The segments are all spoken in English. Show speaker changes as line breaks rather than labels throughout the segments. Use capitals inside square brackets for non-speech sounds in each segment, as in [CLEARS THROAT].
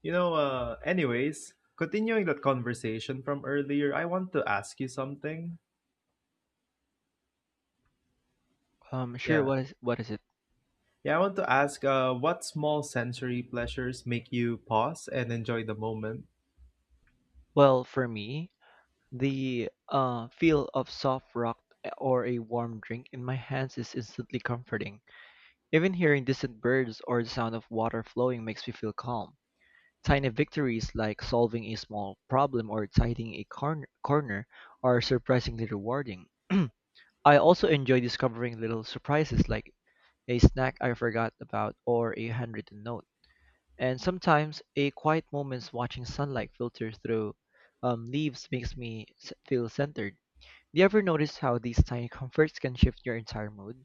Anyways, continuing that conversation from earlier, I want to ask you something.
Sure.
Yeah.
What is it?
Yeah, I want to ask what small sensory pleasures make you pause and enjoy the moment?
Well, for me, the feel of soft rock or a warm drink in my hands is instantly comforting. Even hearing distant birds or the sound of water flowing makes me feel calm. Tiny victories like solving a small problem or tidying a corner are surprisingly rewarding. [CLEARS THROAT] I also enjoy discovering little surprises like a snack I forgot about or a handwritten note. And sometimes a quiet moments watching sunlight filter through leaves makes me feel centered. Do you ever notice how these tiny comforts can shift your entire mood?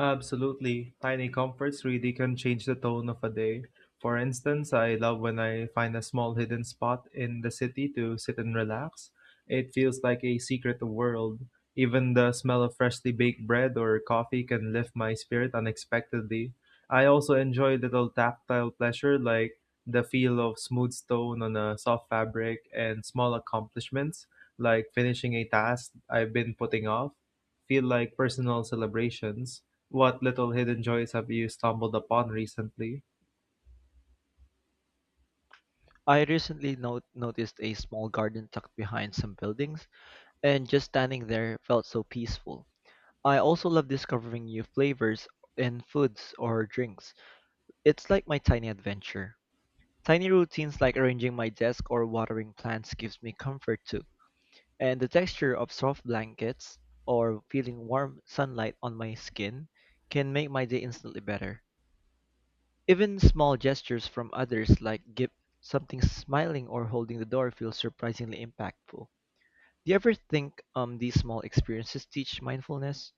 Absolutely. Tiny comforts really can change the tone of a day. For instance, I love when I find a small hidden spot in the city to sit and relax. It feels like a secret world. Even the smell of freshly baked bread or coffee can lift my spirit unexpectedly. I also enjoy little tactile pleasure like the feel of smooth stone on a soft fabric and small accomplishments like finishing a task I've been putting off feel like personal celebrations. What little hidden joys have you stumbled upon recently?
I recently noticed a small garden tucked behind some buildings, and just standing there felt so peaceful. I also love discovering new flavors in foods or drinks. It's like my tiny adventure. Tiny routines like arranging my desk or watering plants gives me comfort too. And the texture of soft blankets or feeling warm sunlight on my skin can make my day instantly better. Even small gestures from others like give something smiling or holding the door feel surprisingly impactful. Do you ever think these small experiences teach mindfulness?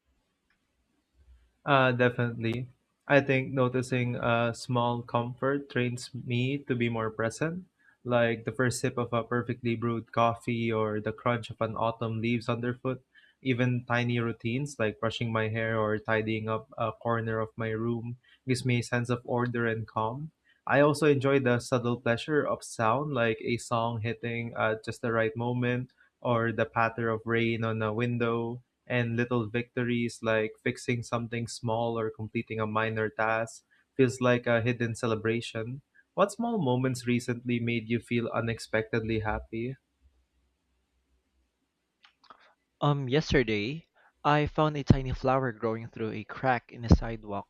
Definitely. I think noticing a small comfort trains me to be more present, like the first sip of a perfectly brewed coffee or the crunch of an autumn leaves underfoot. Even tiny routines like brushing my hair or tidying up a corner of my room gives me a sense of order and calm. I also enjoy the subtle pleasure of sound, like a song hitting at just the right moment or the patter of rain on a window and little victories like fixing something small or completing a minor task feels like a hidden celebration. What small moments recently made you feel unexpectedly happy?
Yesterday, I found a tiny flower growing through a crack in a sidewalk.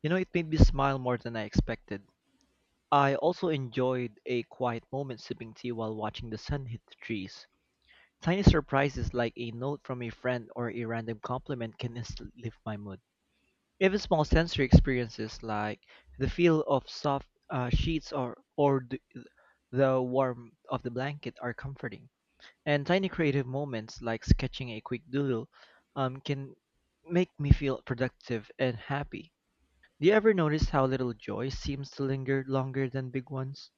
You know, it made me smile more than I expected. I also enjoyed a quiet moment sipping tea while watching the sun hit the trees. Tiny surprises like a note from a friend or a random compliment can instantly lift my mood. Even small sensory experiences like the feel of soft sheets or the warmth of the blanket are comforting. And tiny creative moments like sketching a quick doodle can make me feel productive and happy. Do you ever notice how little joy seems to linger longer than big ones?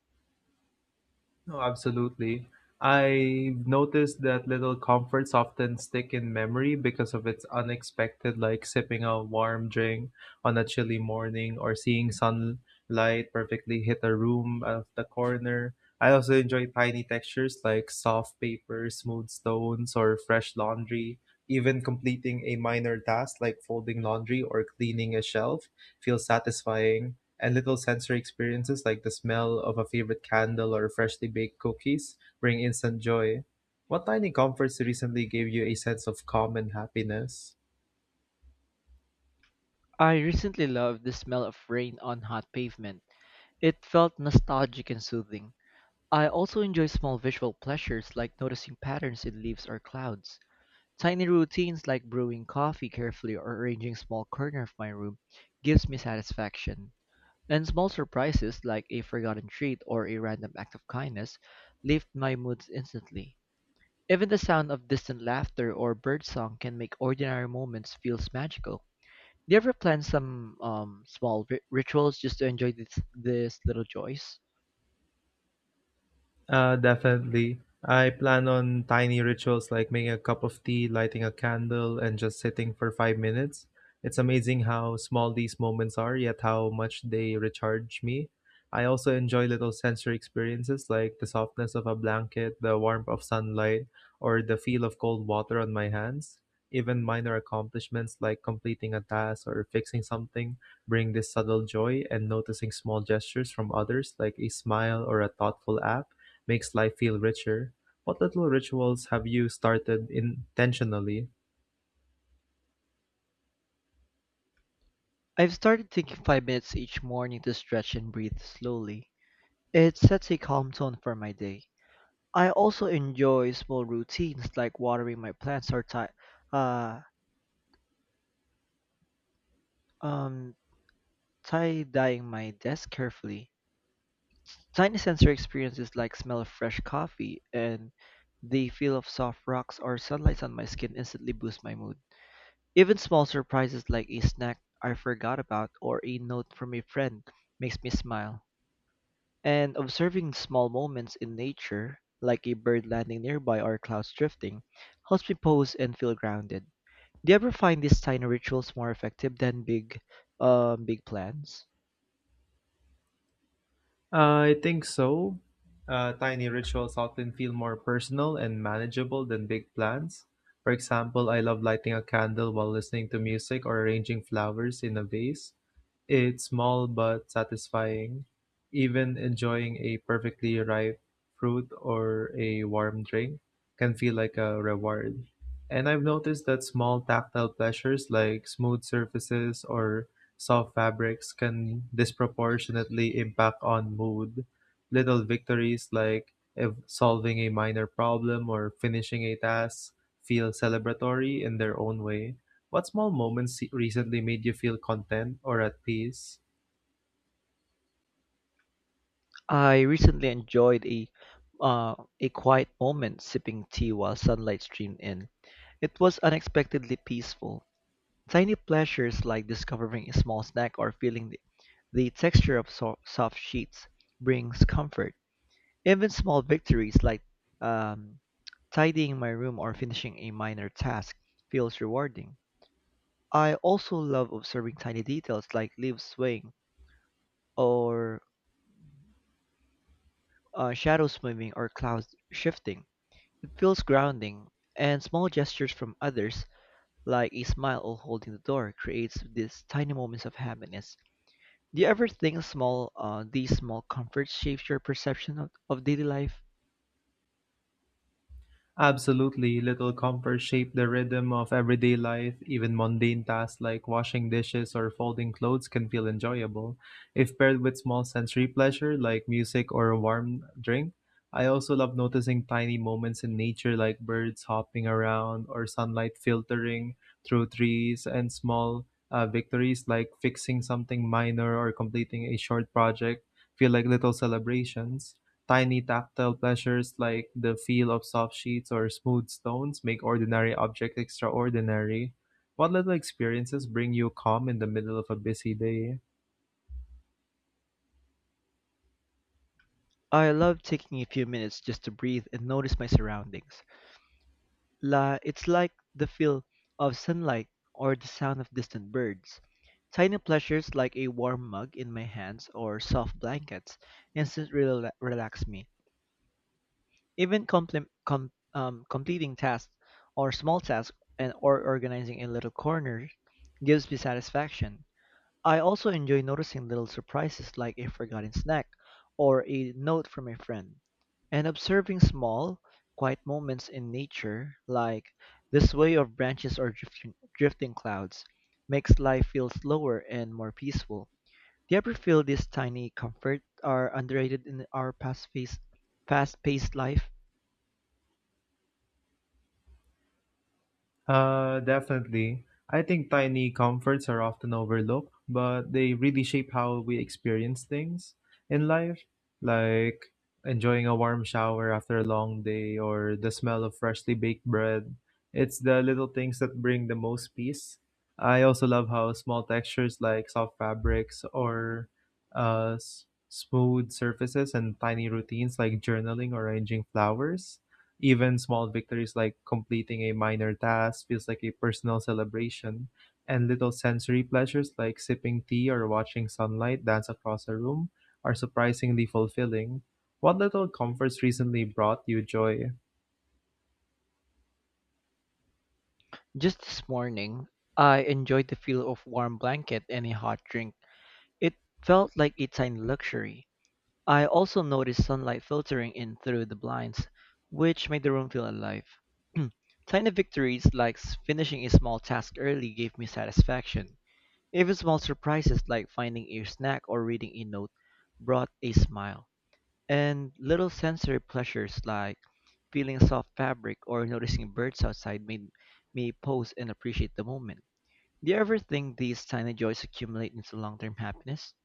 No, absolutely. I've noticed that little comforts often stick in memory because of its unexpected, like sipping a warm drink on a chilly morning or seeing sunlight perfectly hit a room out of the corner. I also enjoy tiny textures like soft paper, smooth stones, or fresh laundry. Even completing a minor task like folding laundry or cleaning a shelf feels satisfying and little sensory experiences like the smell of a favorite candle or freshly baked cookies bring instant joy. What tiny comforts recently gave you a sense of calm and happiness?
I recently loved the smell of rain on hot pavement. It felt nostalgic and soothing. I also enjoy small visual pleasures like noticing patterns in leaves or clouds. Tiny routines like brewing coffee carefully or arranging small corner of my room gives me satisfaction. And small surprises like a forgotten treat or a random act of kindness lift my moods instantly. Even the sound of distant laughter or birdsong can make ordinary moments feel magical. Do you ever plan some small rituals just to enjoy this little joys?
Definitely. I plan on tiny rituals like making a cup of tea, lighting a candle, and just sitting for 5 minutes. It's amazing how small these moments are, yet how much they recharge me. I also enjoy little sensory experiences like the softness of a blanket, the warmth of sunlight, or the feel of cold water on my hands. Even minor accomplishments like completing a task or fixing something bring this subtle joy, and noticing small gestures from others, like a smile or a thoughtful act makes life feel richer. What little rituals have you started intentionally?
I've started taking 5 minutes each morning to stretch and breathe slowly. It sets a calm tone for my day. I also enjoy small routines like watering my plants or uh, um, tie-dyeing my desk carefully. Tiny sensory experiences like smell of fresh coffee and the feel of soft rocks or sunlight on my skin instantly boost my mood. Even small surprises like a snack I forgot about or a note from a friend makes me smile. And observing small moments in nature, like a bird landing nearby or clouds drifting, helps me pause and feel grounded. Do you ever find these tiny rituals more effective than big plans?
I think so. Tiny rituals often feel more personal and manageable than big plans. For example, I love lighting a candle while listening to music or arranging flowers in a vase. It's small but satisfying. Even enjoying a perfectly ripe fruit or a warm drink can feel like a reward. And I've noticed that small tactile pleasures like smooth surfaces or soft fabrics can disproportionately impact on mood. Little victories like solving a minor problem or finishing a task feel celebratory in their own way. What small moments recently made you feel content or at peace?
I recently enjoyed uh, a quiet moment sipping tea while sunlight streamed in. It was unexpectedly peaceful. Tiny pleasures like discovering a small snack or feeling the texture of soft sheets brings comfort. Even small victories like um, tidying my room or finishing a minor task feels rewarding. I also love observing tiny details like leaves swaying or shadows moving or clouds shifting. It feels grounding, and small gestures from others, like a smile or holding the door, creates these tiny moments of happiness. Do you ever think small these small comforts shapes your perception of daily life?
Absolutely, little comforts shape the rhythm of everyday life. Even mundane tasks like washing dishes or folding clothes can feel enjoyable. If paired with small sensory pleasure like music or a warm drink, I also love noticing tiny moments in nature like birds hopping around or sunlight filtering through trees and small victories like fixing something minor or completing a short project feel like little celebrations. Tiny tactile pleasures like the feel of soft sheets or smooth stones make ordinary objects extraordinary. What little experiences bring you calm in the middle of a busy day?
I love taking a few minutes just to breathe and notice my surroundings. La, it's like the feel of sunlight or the sound of distant birds. Tiny pleasures like a warm mug in my hands or soft blankets instantly relax me. Even completing tasks or small tasks and or organizing a little corner gives me satisfaction. I also enjoy noticing little surprises like a forgotten snack or a note from a friend, and observing small, quiet moments in nature like the sway of branches or drifting clouds makes life feel slower and more peaceful. Do you ever feel this tiny comfort are underrated in our fast-paced life?
Definitely. I think tiny comforts are often overlooked, but they really shape how we experience things in life, like enjoying a warm shower after a long day or the smell of freshly baked bread. It's the little things that bring the most peace. I also love how small textures like soft fabrics or smooth surfaces and tiny routines like journaling or arranging flowers even small victories like completing a minor task feels like a personal celebration, and little sensory pleasures like sipping tea or watching sunlight dance across a room are surprisingly fulfilling. What little comforts recently brought you joy?
Just this morning, I enjoyed the feel of warm blanket and a hot drink. It felt like a tiny luxury. I also noticed sunlight filtering in through the blinds, which made the room feel alive. [CLEARS THROAT] Tiny victories like finishing a small task early gave me satisfaction. Even small surprises like finding a snack or reading a note brought a smile. And little sensory pleasures like feeling soft fabric or noticing birds outside made me pause and appreciate the moment. Do you ever think these tiny joys accumulate into long term happiness?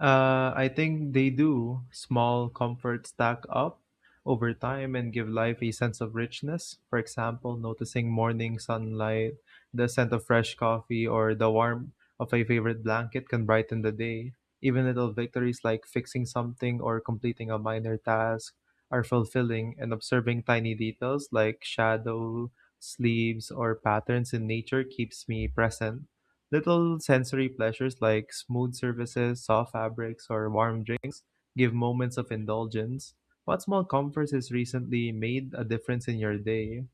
I think they do. Small comforts stack up over time and give life a sense of richness. For example, noticing morning sunlight, the scent of fresh coffee, or the warmth of a favorite blanket can brighten the day. Even little victories like fixing something or completing a minor task are fulfilling, and observing tiny details like shadow, sleeves, or patterns in nature keeps me present. Little sensory pleasures like smooth surfaces, soft fabrics, or warm drinks give moments of indulgence. What small comforts has recently made a difference in your day?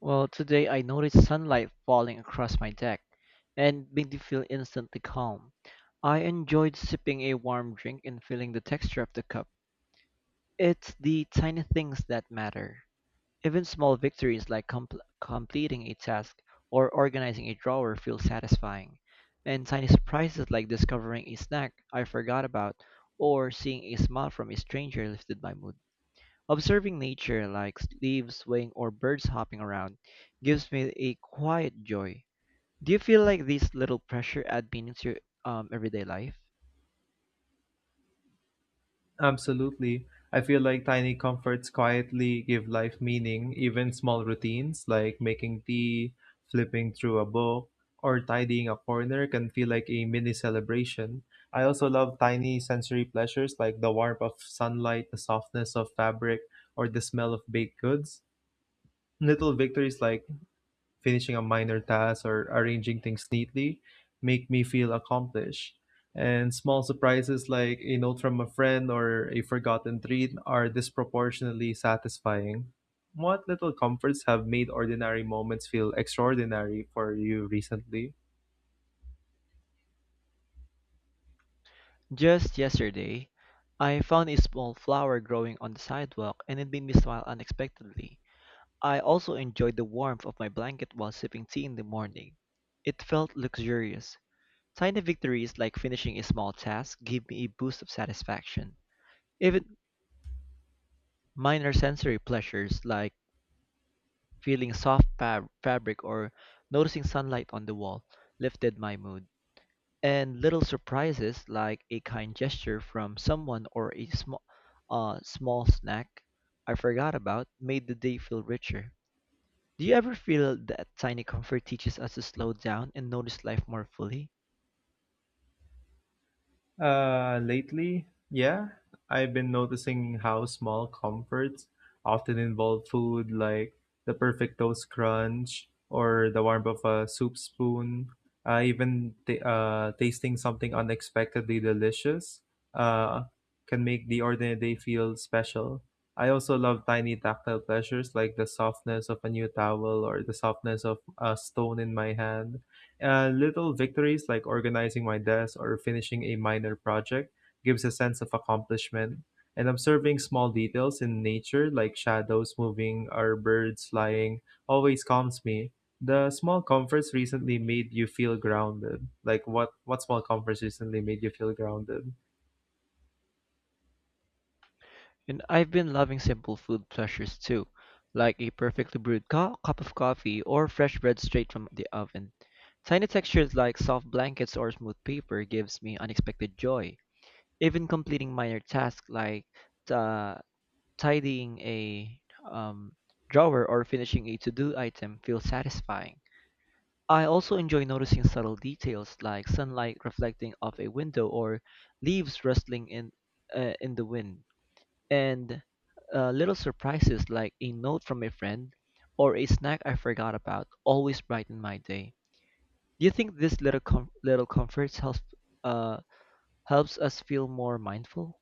Well, today I noticed sunlight falling across my deck and made me feel instantly calm. I enjoyed sipping a warm drink and feeling the texture of the cup. It's the tiny things that matter. Even small victories like completing a task or organizing a drawer feel satisfying. And tiny surprises like discovering a snack I forgot about or seeing a smile from a stranger lifted my mood. Observing nature, like leaves swaying or birds hopping around, gives me a quiet joy. Do you feel like these little pressure add meaning to your everyday life?
Absolutely. I feel like tiny comforts quietly give life meaning. Even small routines like making tea, flipping through a book, or tidying a corner can feel like a mini celebration. I also love tiny sensory pleasures like the warmth of sunlight, the softness of fabric, or the smell of baked goods. Little victories like finishing a minor task or arranging things neatly make me feel accomplished. And small surprises like a note from a friend or a forgotten treat are disproportionately satisfying. What little comforts have made ordinary moments feel extraordinary for you recently?
Just yesterday, I found a small flower growing on the sidewalk and it made me smile unexpectedly. I also enjoyed the warmth of my blanket while sipping tea in the morning. It felt luxurious. Tiny victories like finishing a small task give me a boost of satisfaction. Even minor sensory pleasures like feeling soft fabric or noticing sunlight on the wall lifted my mood. And little surprises like a kind gesture from someone or a small snack I forgot about made the day feel richer. Do you ever feel that tiny comfort teaches us to slow down and notice life more fully?
Lately, yeah, I've been noticing how small comforts often involve food like the perfect toast crunch or the warmth of a soup spoon. Even tasting something unexpectedly delicious uh, can make the ordinary day feel special. I also love tiny tactile pleasures like the softness of a new towel or the softness of a stone in my hand. Little victories like organizing my desk or finishing a minor project gives a sense of accomplishment. And observing small details in nature like shadows moving or birds flying always calms me. The small comforts recently made you feel grounded. Like what small comforts recently made you feel grounded?
And I've been loving simple food pleasures too, like a perfectly brewed cup of coffee or fresh bread straight from the oven. Tiny textures like soft blankets or smooth paper gives me unexpected joy. Even completing minor tasks like uh, tidying a um, drawer or finishing a to-do item feels satisfying. I also enjoy noticing subtle details like sunlight reflecting off a window or leaves rustling in the wind. And little surprises like a note from a friend or a snack I forgot about always brighten my day. Do you think this little comforts helps uh, helps us feel more mindful?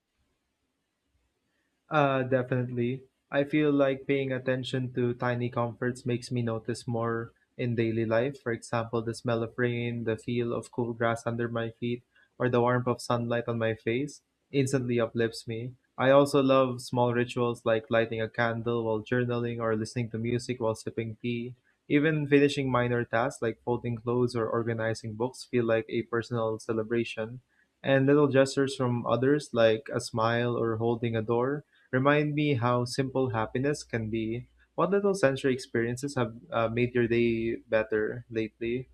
Definitely. I feel like paying attention to tiny comforts makes me notice more in daily life. For example, the smell of rain, the feel of cool grass under my feet, or the warmth of sunlight on my face instantly uplifts me. I also love small rituals like lighting a candle while journaling or listening to music while sipping tea. Even finishing minor tasks like folding clothes or organizing books feel like a personal celebration. And little gestures from others like a smile or holding a door remind me how simple happiness can be. What little sensory experiences have made your day better lately?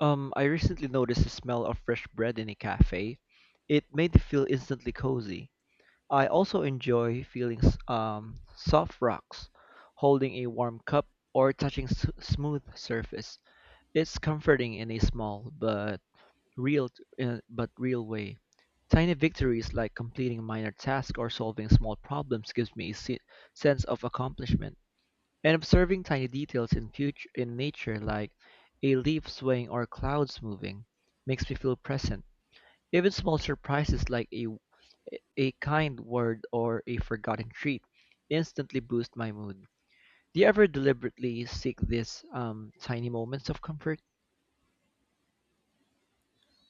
I recently noticed the smell of fresh bread in a cafe. It made me feel instantly cozy. I also enjoy feeling soft rocks, holding a warm cup, or touching smooth surface. It's comforting in a small real but real way. Tiny victories like completing a minor task or solving small problems gives me sense of accomplishment. And observing tiny details in future in nature like a leaf swaying or clouds moving makes me feel present. Even small surprises like a kind word or a forgotten treat instantly boost my mood. Do you ever deliberately seek these tiny moments of comfort?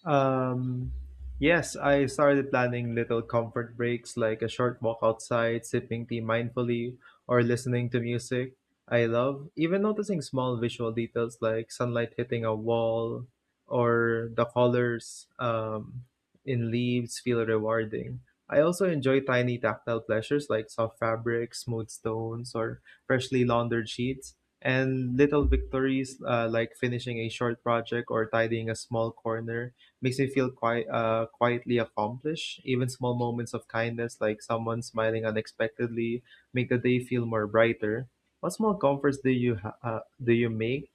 Um, yes, I started planning little comfort breaks like a short walk outside, sipping tea mindfully, or listening to music I love. Even noticing small visual details like sunlight hitting a wall or the colors in leaves feel rewarding. I also enjoy tiny tactile pleasures like soft fabrics, smooth stones, or freshly laundered sheets. And little victories like finishing a short project or tidying a small corner makes me feel quite quietly accomplished. Even small moments of kindness, like someone smiling unexpectedly, make the day feel more brighter. What small comforts do you make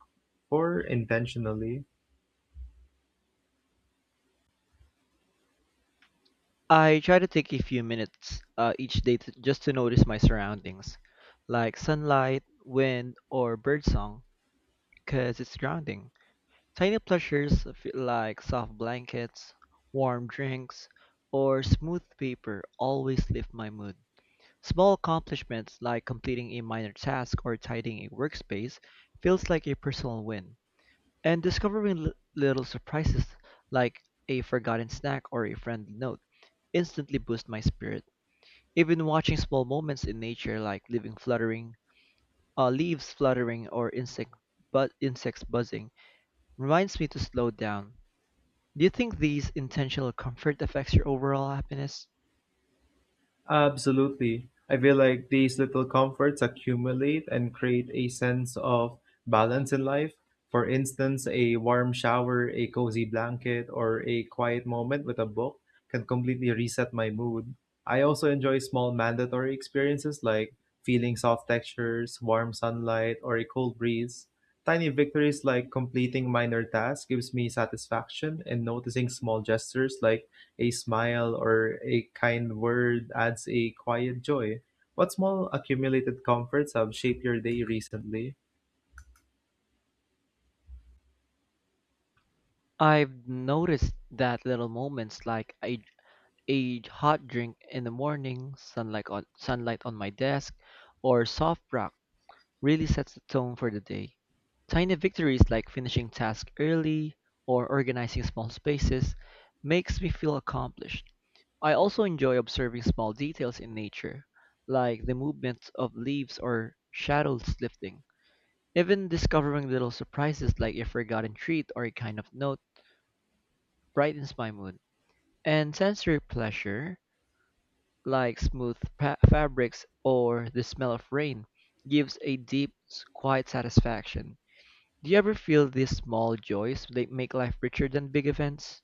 or intentionally?
I try to take a few minutes each day just to notice my surroundings, like sunlight, wind, or birdsong, because it's grounding. Tiny pleasures feel like soft blankets, warm drinks, or smooth paper always lift my mood. Small accomplishments like completing a minor task or tidying a workspace feels like a personal win. And discovering little surprises like a forgotten snack or a friendly note instantly boost my spirit. Even watching small moments in nature like leaves fluttering or insects buzzing reminds me to slow down. Do you think these intentional comfort affects your overall happiness?
Absolutely. I feel like these little comforts accumulate and create a sense of balance in life. For instance, a warm shower, a cozy blanket, or a quiet moment with a book can completely reset my mood. I also enjoy small mandatory experiences like feeling soft textures, warm sunlight, or a cool breeze. Tiny victories like completing minor tasks gives me satisfaction and noticing small gestures like a smile or a kind word adds a quiet joy. What small accumulated comforts have shaped your day recently?
I've noticed that little moments like a hot drink in the morning, sunlight on my desk, or soft rock really sets the tone for the day. Tiny victories like finishing tasks early or organizing small spaces makes me feel accomplished. I also enjoy observing small details in nature, like the movement of leaves or shadows lifting. Even discovering little surprises like a forgotten treat or a kind of note brightens my mood. And sensory pleasure, like smooth fabrics or the smell of rain, gives a deep, quiet satisfaction. Do you ever feel these small joys they make life richer than big events?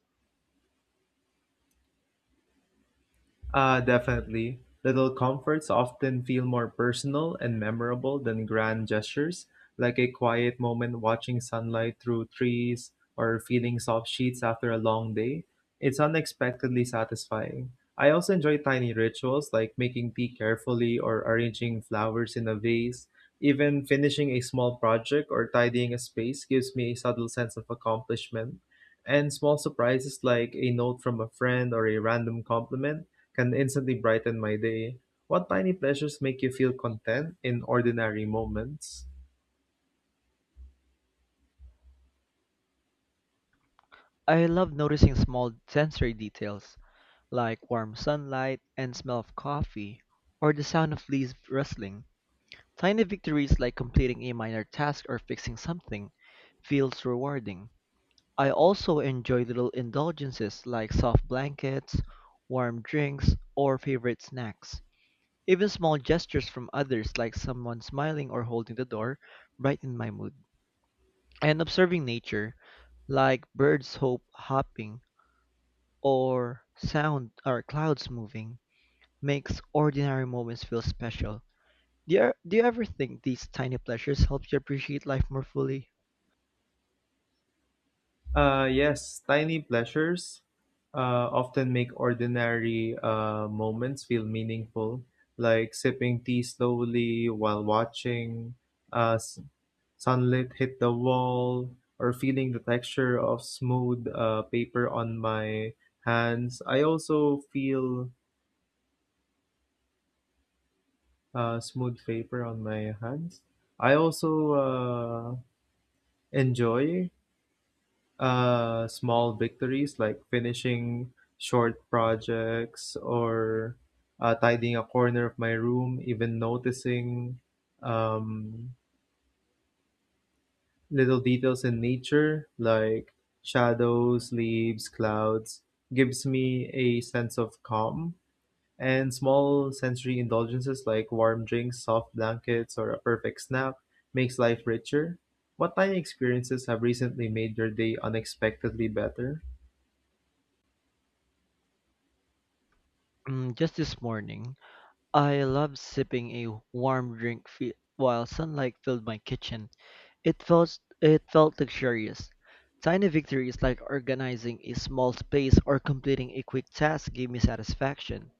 Definitely. Little comforts often feel more personal and memorable than grand gestures, like a quiet moment watching sunlight through trees or feeling soft sheets after a long day. It's unexpectedly satisfying. I also enjoy tiny rituals like making tea carefully or arranging flowers in a vase. Even finishing a small project or tidying a space gives me a subtle sense of accomplishment. And small surprises like a note from a friend or a random compliment can instantly brighten my day. What tiny pleasures make you feel content in ordinary moments?
I love noticing small sensory details like warm sunlight and smell of coffee or the sound of leaves rustling. Tiny victories like completing a minor task or fixing something feels rewarding. I also enjoy little indulgences like soft blankets, warm drinks, or favorite snacks. Even small gestures from others like someone smiling or holding the door brighten my mood. And observing nature, like birds hope hopping or sound or clouds moving, makes ordinary moments feel special. Do you ever think these tiny pleasures help you appreciate life more fully?
Yes, tiny pleasures often make ordinary moments feel meaningful, like sipping tea slowly while watching uh, s- sunlight hit the wall, or feeling the texture of smooth paper on my hands. I also feel smooth paper on my hands. I also enjoy small victories like finishing short projects or tidying a corner of my room, even noticing um, little details in nature like shadows, leaves, clouds gives me a sense of calm. And small sensory indulgences like warm drinks, soft blankets, or a perfect snack makes life richer. What tiny experiences have recently made your day unexpectedly better?
Mm, just this morning, I loved sipping a warm drink while sunlight filled my kitchen. It felt luxurious. Tiny victories like organizing a small space or completing a quick task gave me satisfaction.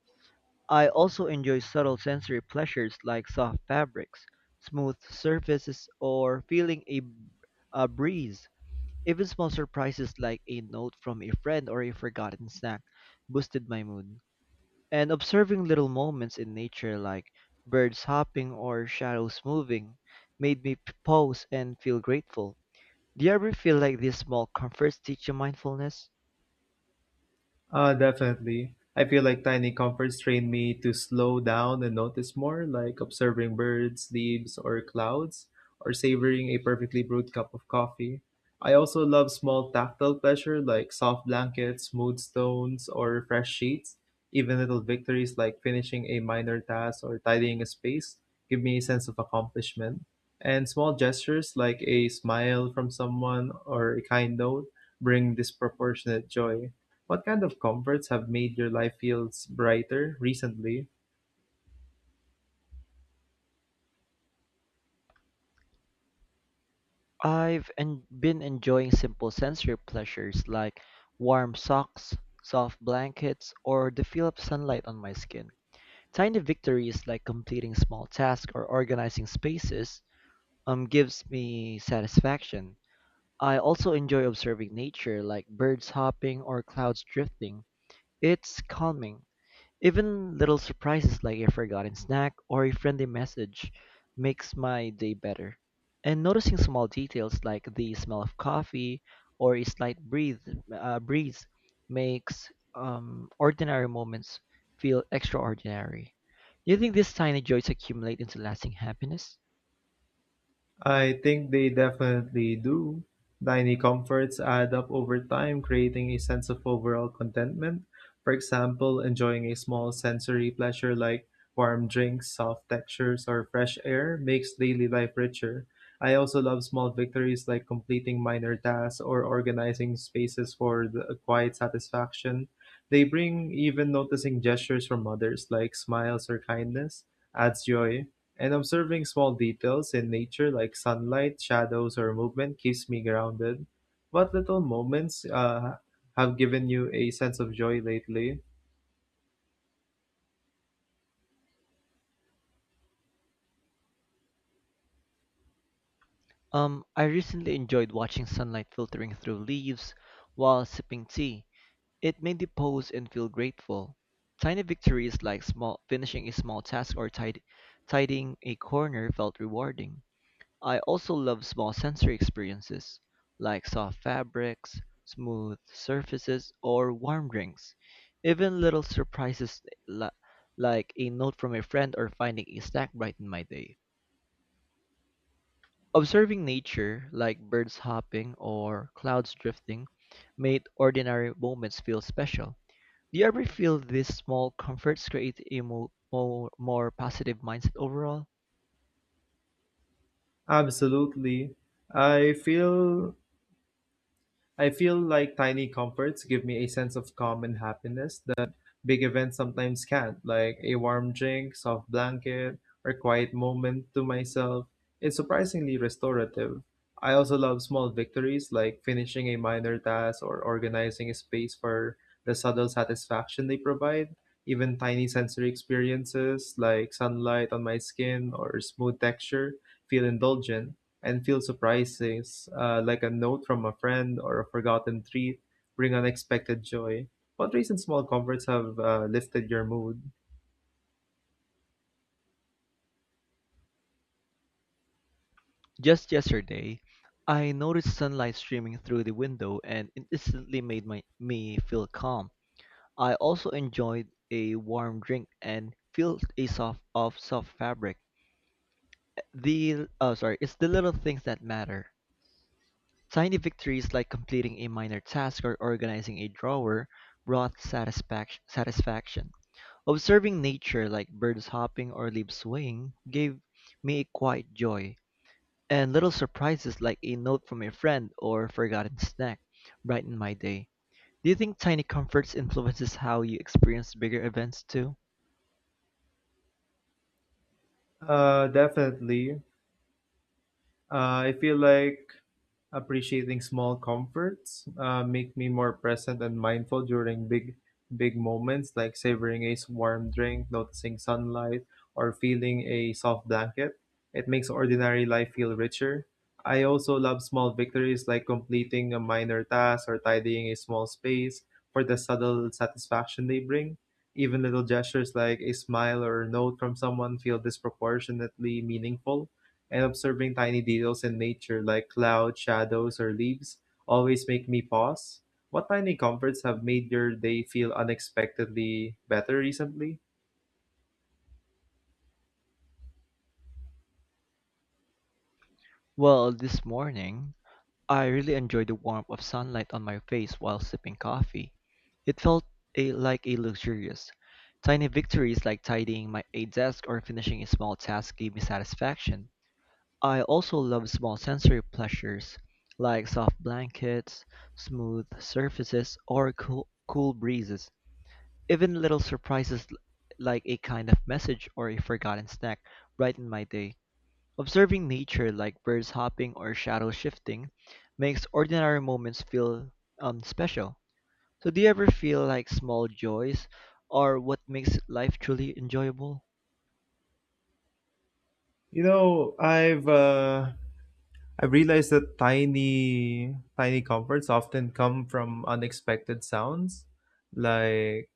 I also enjoy subtle sensory pleasures like soft fabrics, smooth surfaces, or feeling a breeze. Even small surprises like a note from a friend or a forgotten snack boosted my mood. And observing little moments in nature like birds hopping or shadows moving made me pause and feel grateful. Do you ever feel like these small comforts teach you mindfulness?
Definitely. I feel like tiny comforts train me to slow down and notice more, like observing birds, leaves, or clouds, or savoring a perfectly brewed cup of coffee. I also love small tactile pleasure like soft blankets, smooth stones, or fresh sheets. Even little victories like finishing a minor task or tidying a space give me a sense of accomplishment. And small gestures like a smile from someone or a kind note bring disproportionate joy. What kind of comforts have made your life feels brighter recently?
I've been enjoying simple sensory pleasures like warm socks, soft blankets, or the feel of sunlight on my skin. Tiny victories like completing small tasks or organizing spaces gives me satisfaction. I also enjoy observing nature like birds hopping or clouds drifting. It's calming. Even little surprises like a forgotten snack or a friendly message makes my day better. And noticing small details like the smell of coffee or a slight breeze makes ordinary moments feel extraordinary. Do you think these tiny joys accumulate into lasting happiness?
I think they definitely do. Tiny comforts add up over time, creating a sense of overall contentment. For example, enjoying a small sensory pleasure like warm drinks, soft textures, or fresh air makes daily life richer. I also love small victories like completing minor tasks or organizing spaces for the quiet satisfaction. They bring even noticing gestures from others like smiles or kindness adds joy. And observing small details in nature like sunlight, shadows, or movement keeps me grounded. What little moments have given you a sense of joy lately?
I recently enjoyed watching sunlight filtering through leaves while sipping tea. It made me pause and feel grateful. Tiny victories like small finishing a small task or tidying a corner felt rewarding. I also love small sensory experiences like soft fabrics, smooth surfaces, or warm drinks. Even little surprises li- like a note from a friend or finding a snack brighten my day. Observing nature, like birds hopping or clouds drifting, made ordinary moments feel special. Do you ever feel these small comforts create a more positive mindset overall?
Absolutely. I feel I feel like tiny comforts give me a sense of calm and happiness that big events sometimes can't, like a warm drink, soft blanket, or quiet moment to myself. It's surprisingly restorative. I also love small victories like finishing a minor task or organizing a space for the subtle satisfaction they provide. Even tiny sensory experiences like sunlight on my skin or smooth texture feel indulgent and feel surprises like a note from a friend or a forgotten treat bring unexpected joy. What recent small comforts have lifted your mood?
Just yesterday, I noticed sunlight streaming through the window and it instantly made me feel calm. I also enjoyed a warm drink and felt a soft fabric. The oh sorry, it's the little things that matter. Tiny victories like completing a minor task or organizing a drawer brought satisfaction. Observing nature like birds hopping or leaves swaying gave me a quiet joy, and little surprises like a note from a friend or a forgotten snack brightened my day. Do you think tiny comforts influences how you experience bigger events too?
Definitely. I feel like appreciating small comforts make me more present and mindful during big moments, like savoring a warm drink, noticing sunlight, or feeling a soft blanket. It makes ordinary life feel richer. I also love small victories like completing a minor task or tidying a small space for the subtle satisfaction they bring. Even little gestures like a smile or a note from someone feel disproportionately meaningful and observing tiny details in nature like clouds, shadows, or leaves always make me pause. What tiny comforts have made your day feel unexpectedly better recently?
Well, this morning, I really enjoyed the warmth of sunlight on my face while sipping coffee. It felt like a luxurious. Tiny victories like tidying my a desk or finishing a small task gave me satisfaction. I also love small sensory pleasures like soft blankets, smooth surfaces, or cool breezes. Even little surprises like a kind of message or a forgotten snack brighten my day. Observing nature like birds hopping or shadow shifting makes ordinary moments feel special. So, do you ever feel like small joys are what makes life truly enjoyable?
You know, I've uh, I've realized that tiny comforts often come from unexpected sounds, like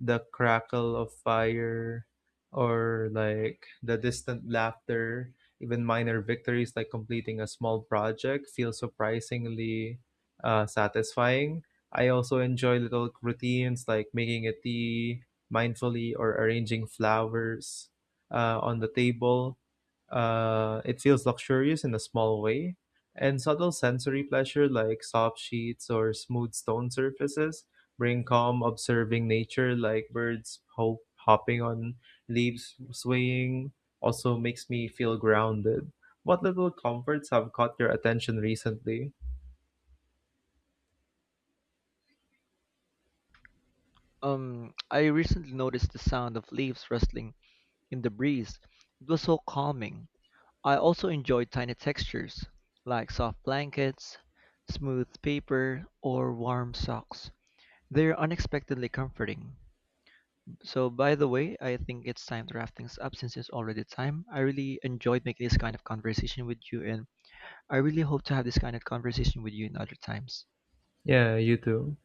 the crackle of fire or like the distant laughter. Even minor victories like completing a small project feel surprisingly satisfying. I also enjoy little routines like making a tea mindfully or arranging flowers on the table. It feels luxurious in a small way. And subtle sensory pleasure like soft sheets or smooth stone surfaces bring calm. Observing nature like birds hopping on leaves swaying also makes me feel grounded. What little comforts have caught your attention recently?
I recently noticed the sound of leaves rustling in the breeze. It was so calming. I also enjoyed tiny textures like soft blankets, smooth paper, or warm socks. They're unexpectedly comforting. So, by the way, I think it's time to wrap things up since it's already time. I really enjoyed making this kind of conversation with you, and I really hope to have this kind of conversation with you in other times.
Yeah, you too.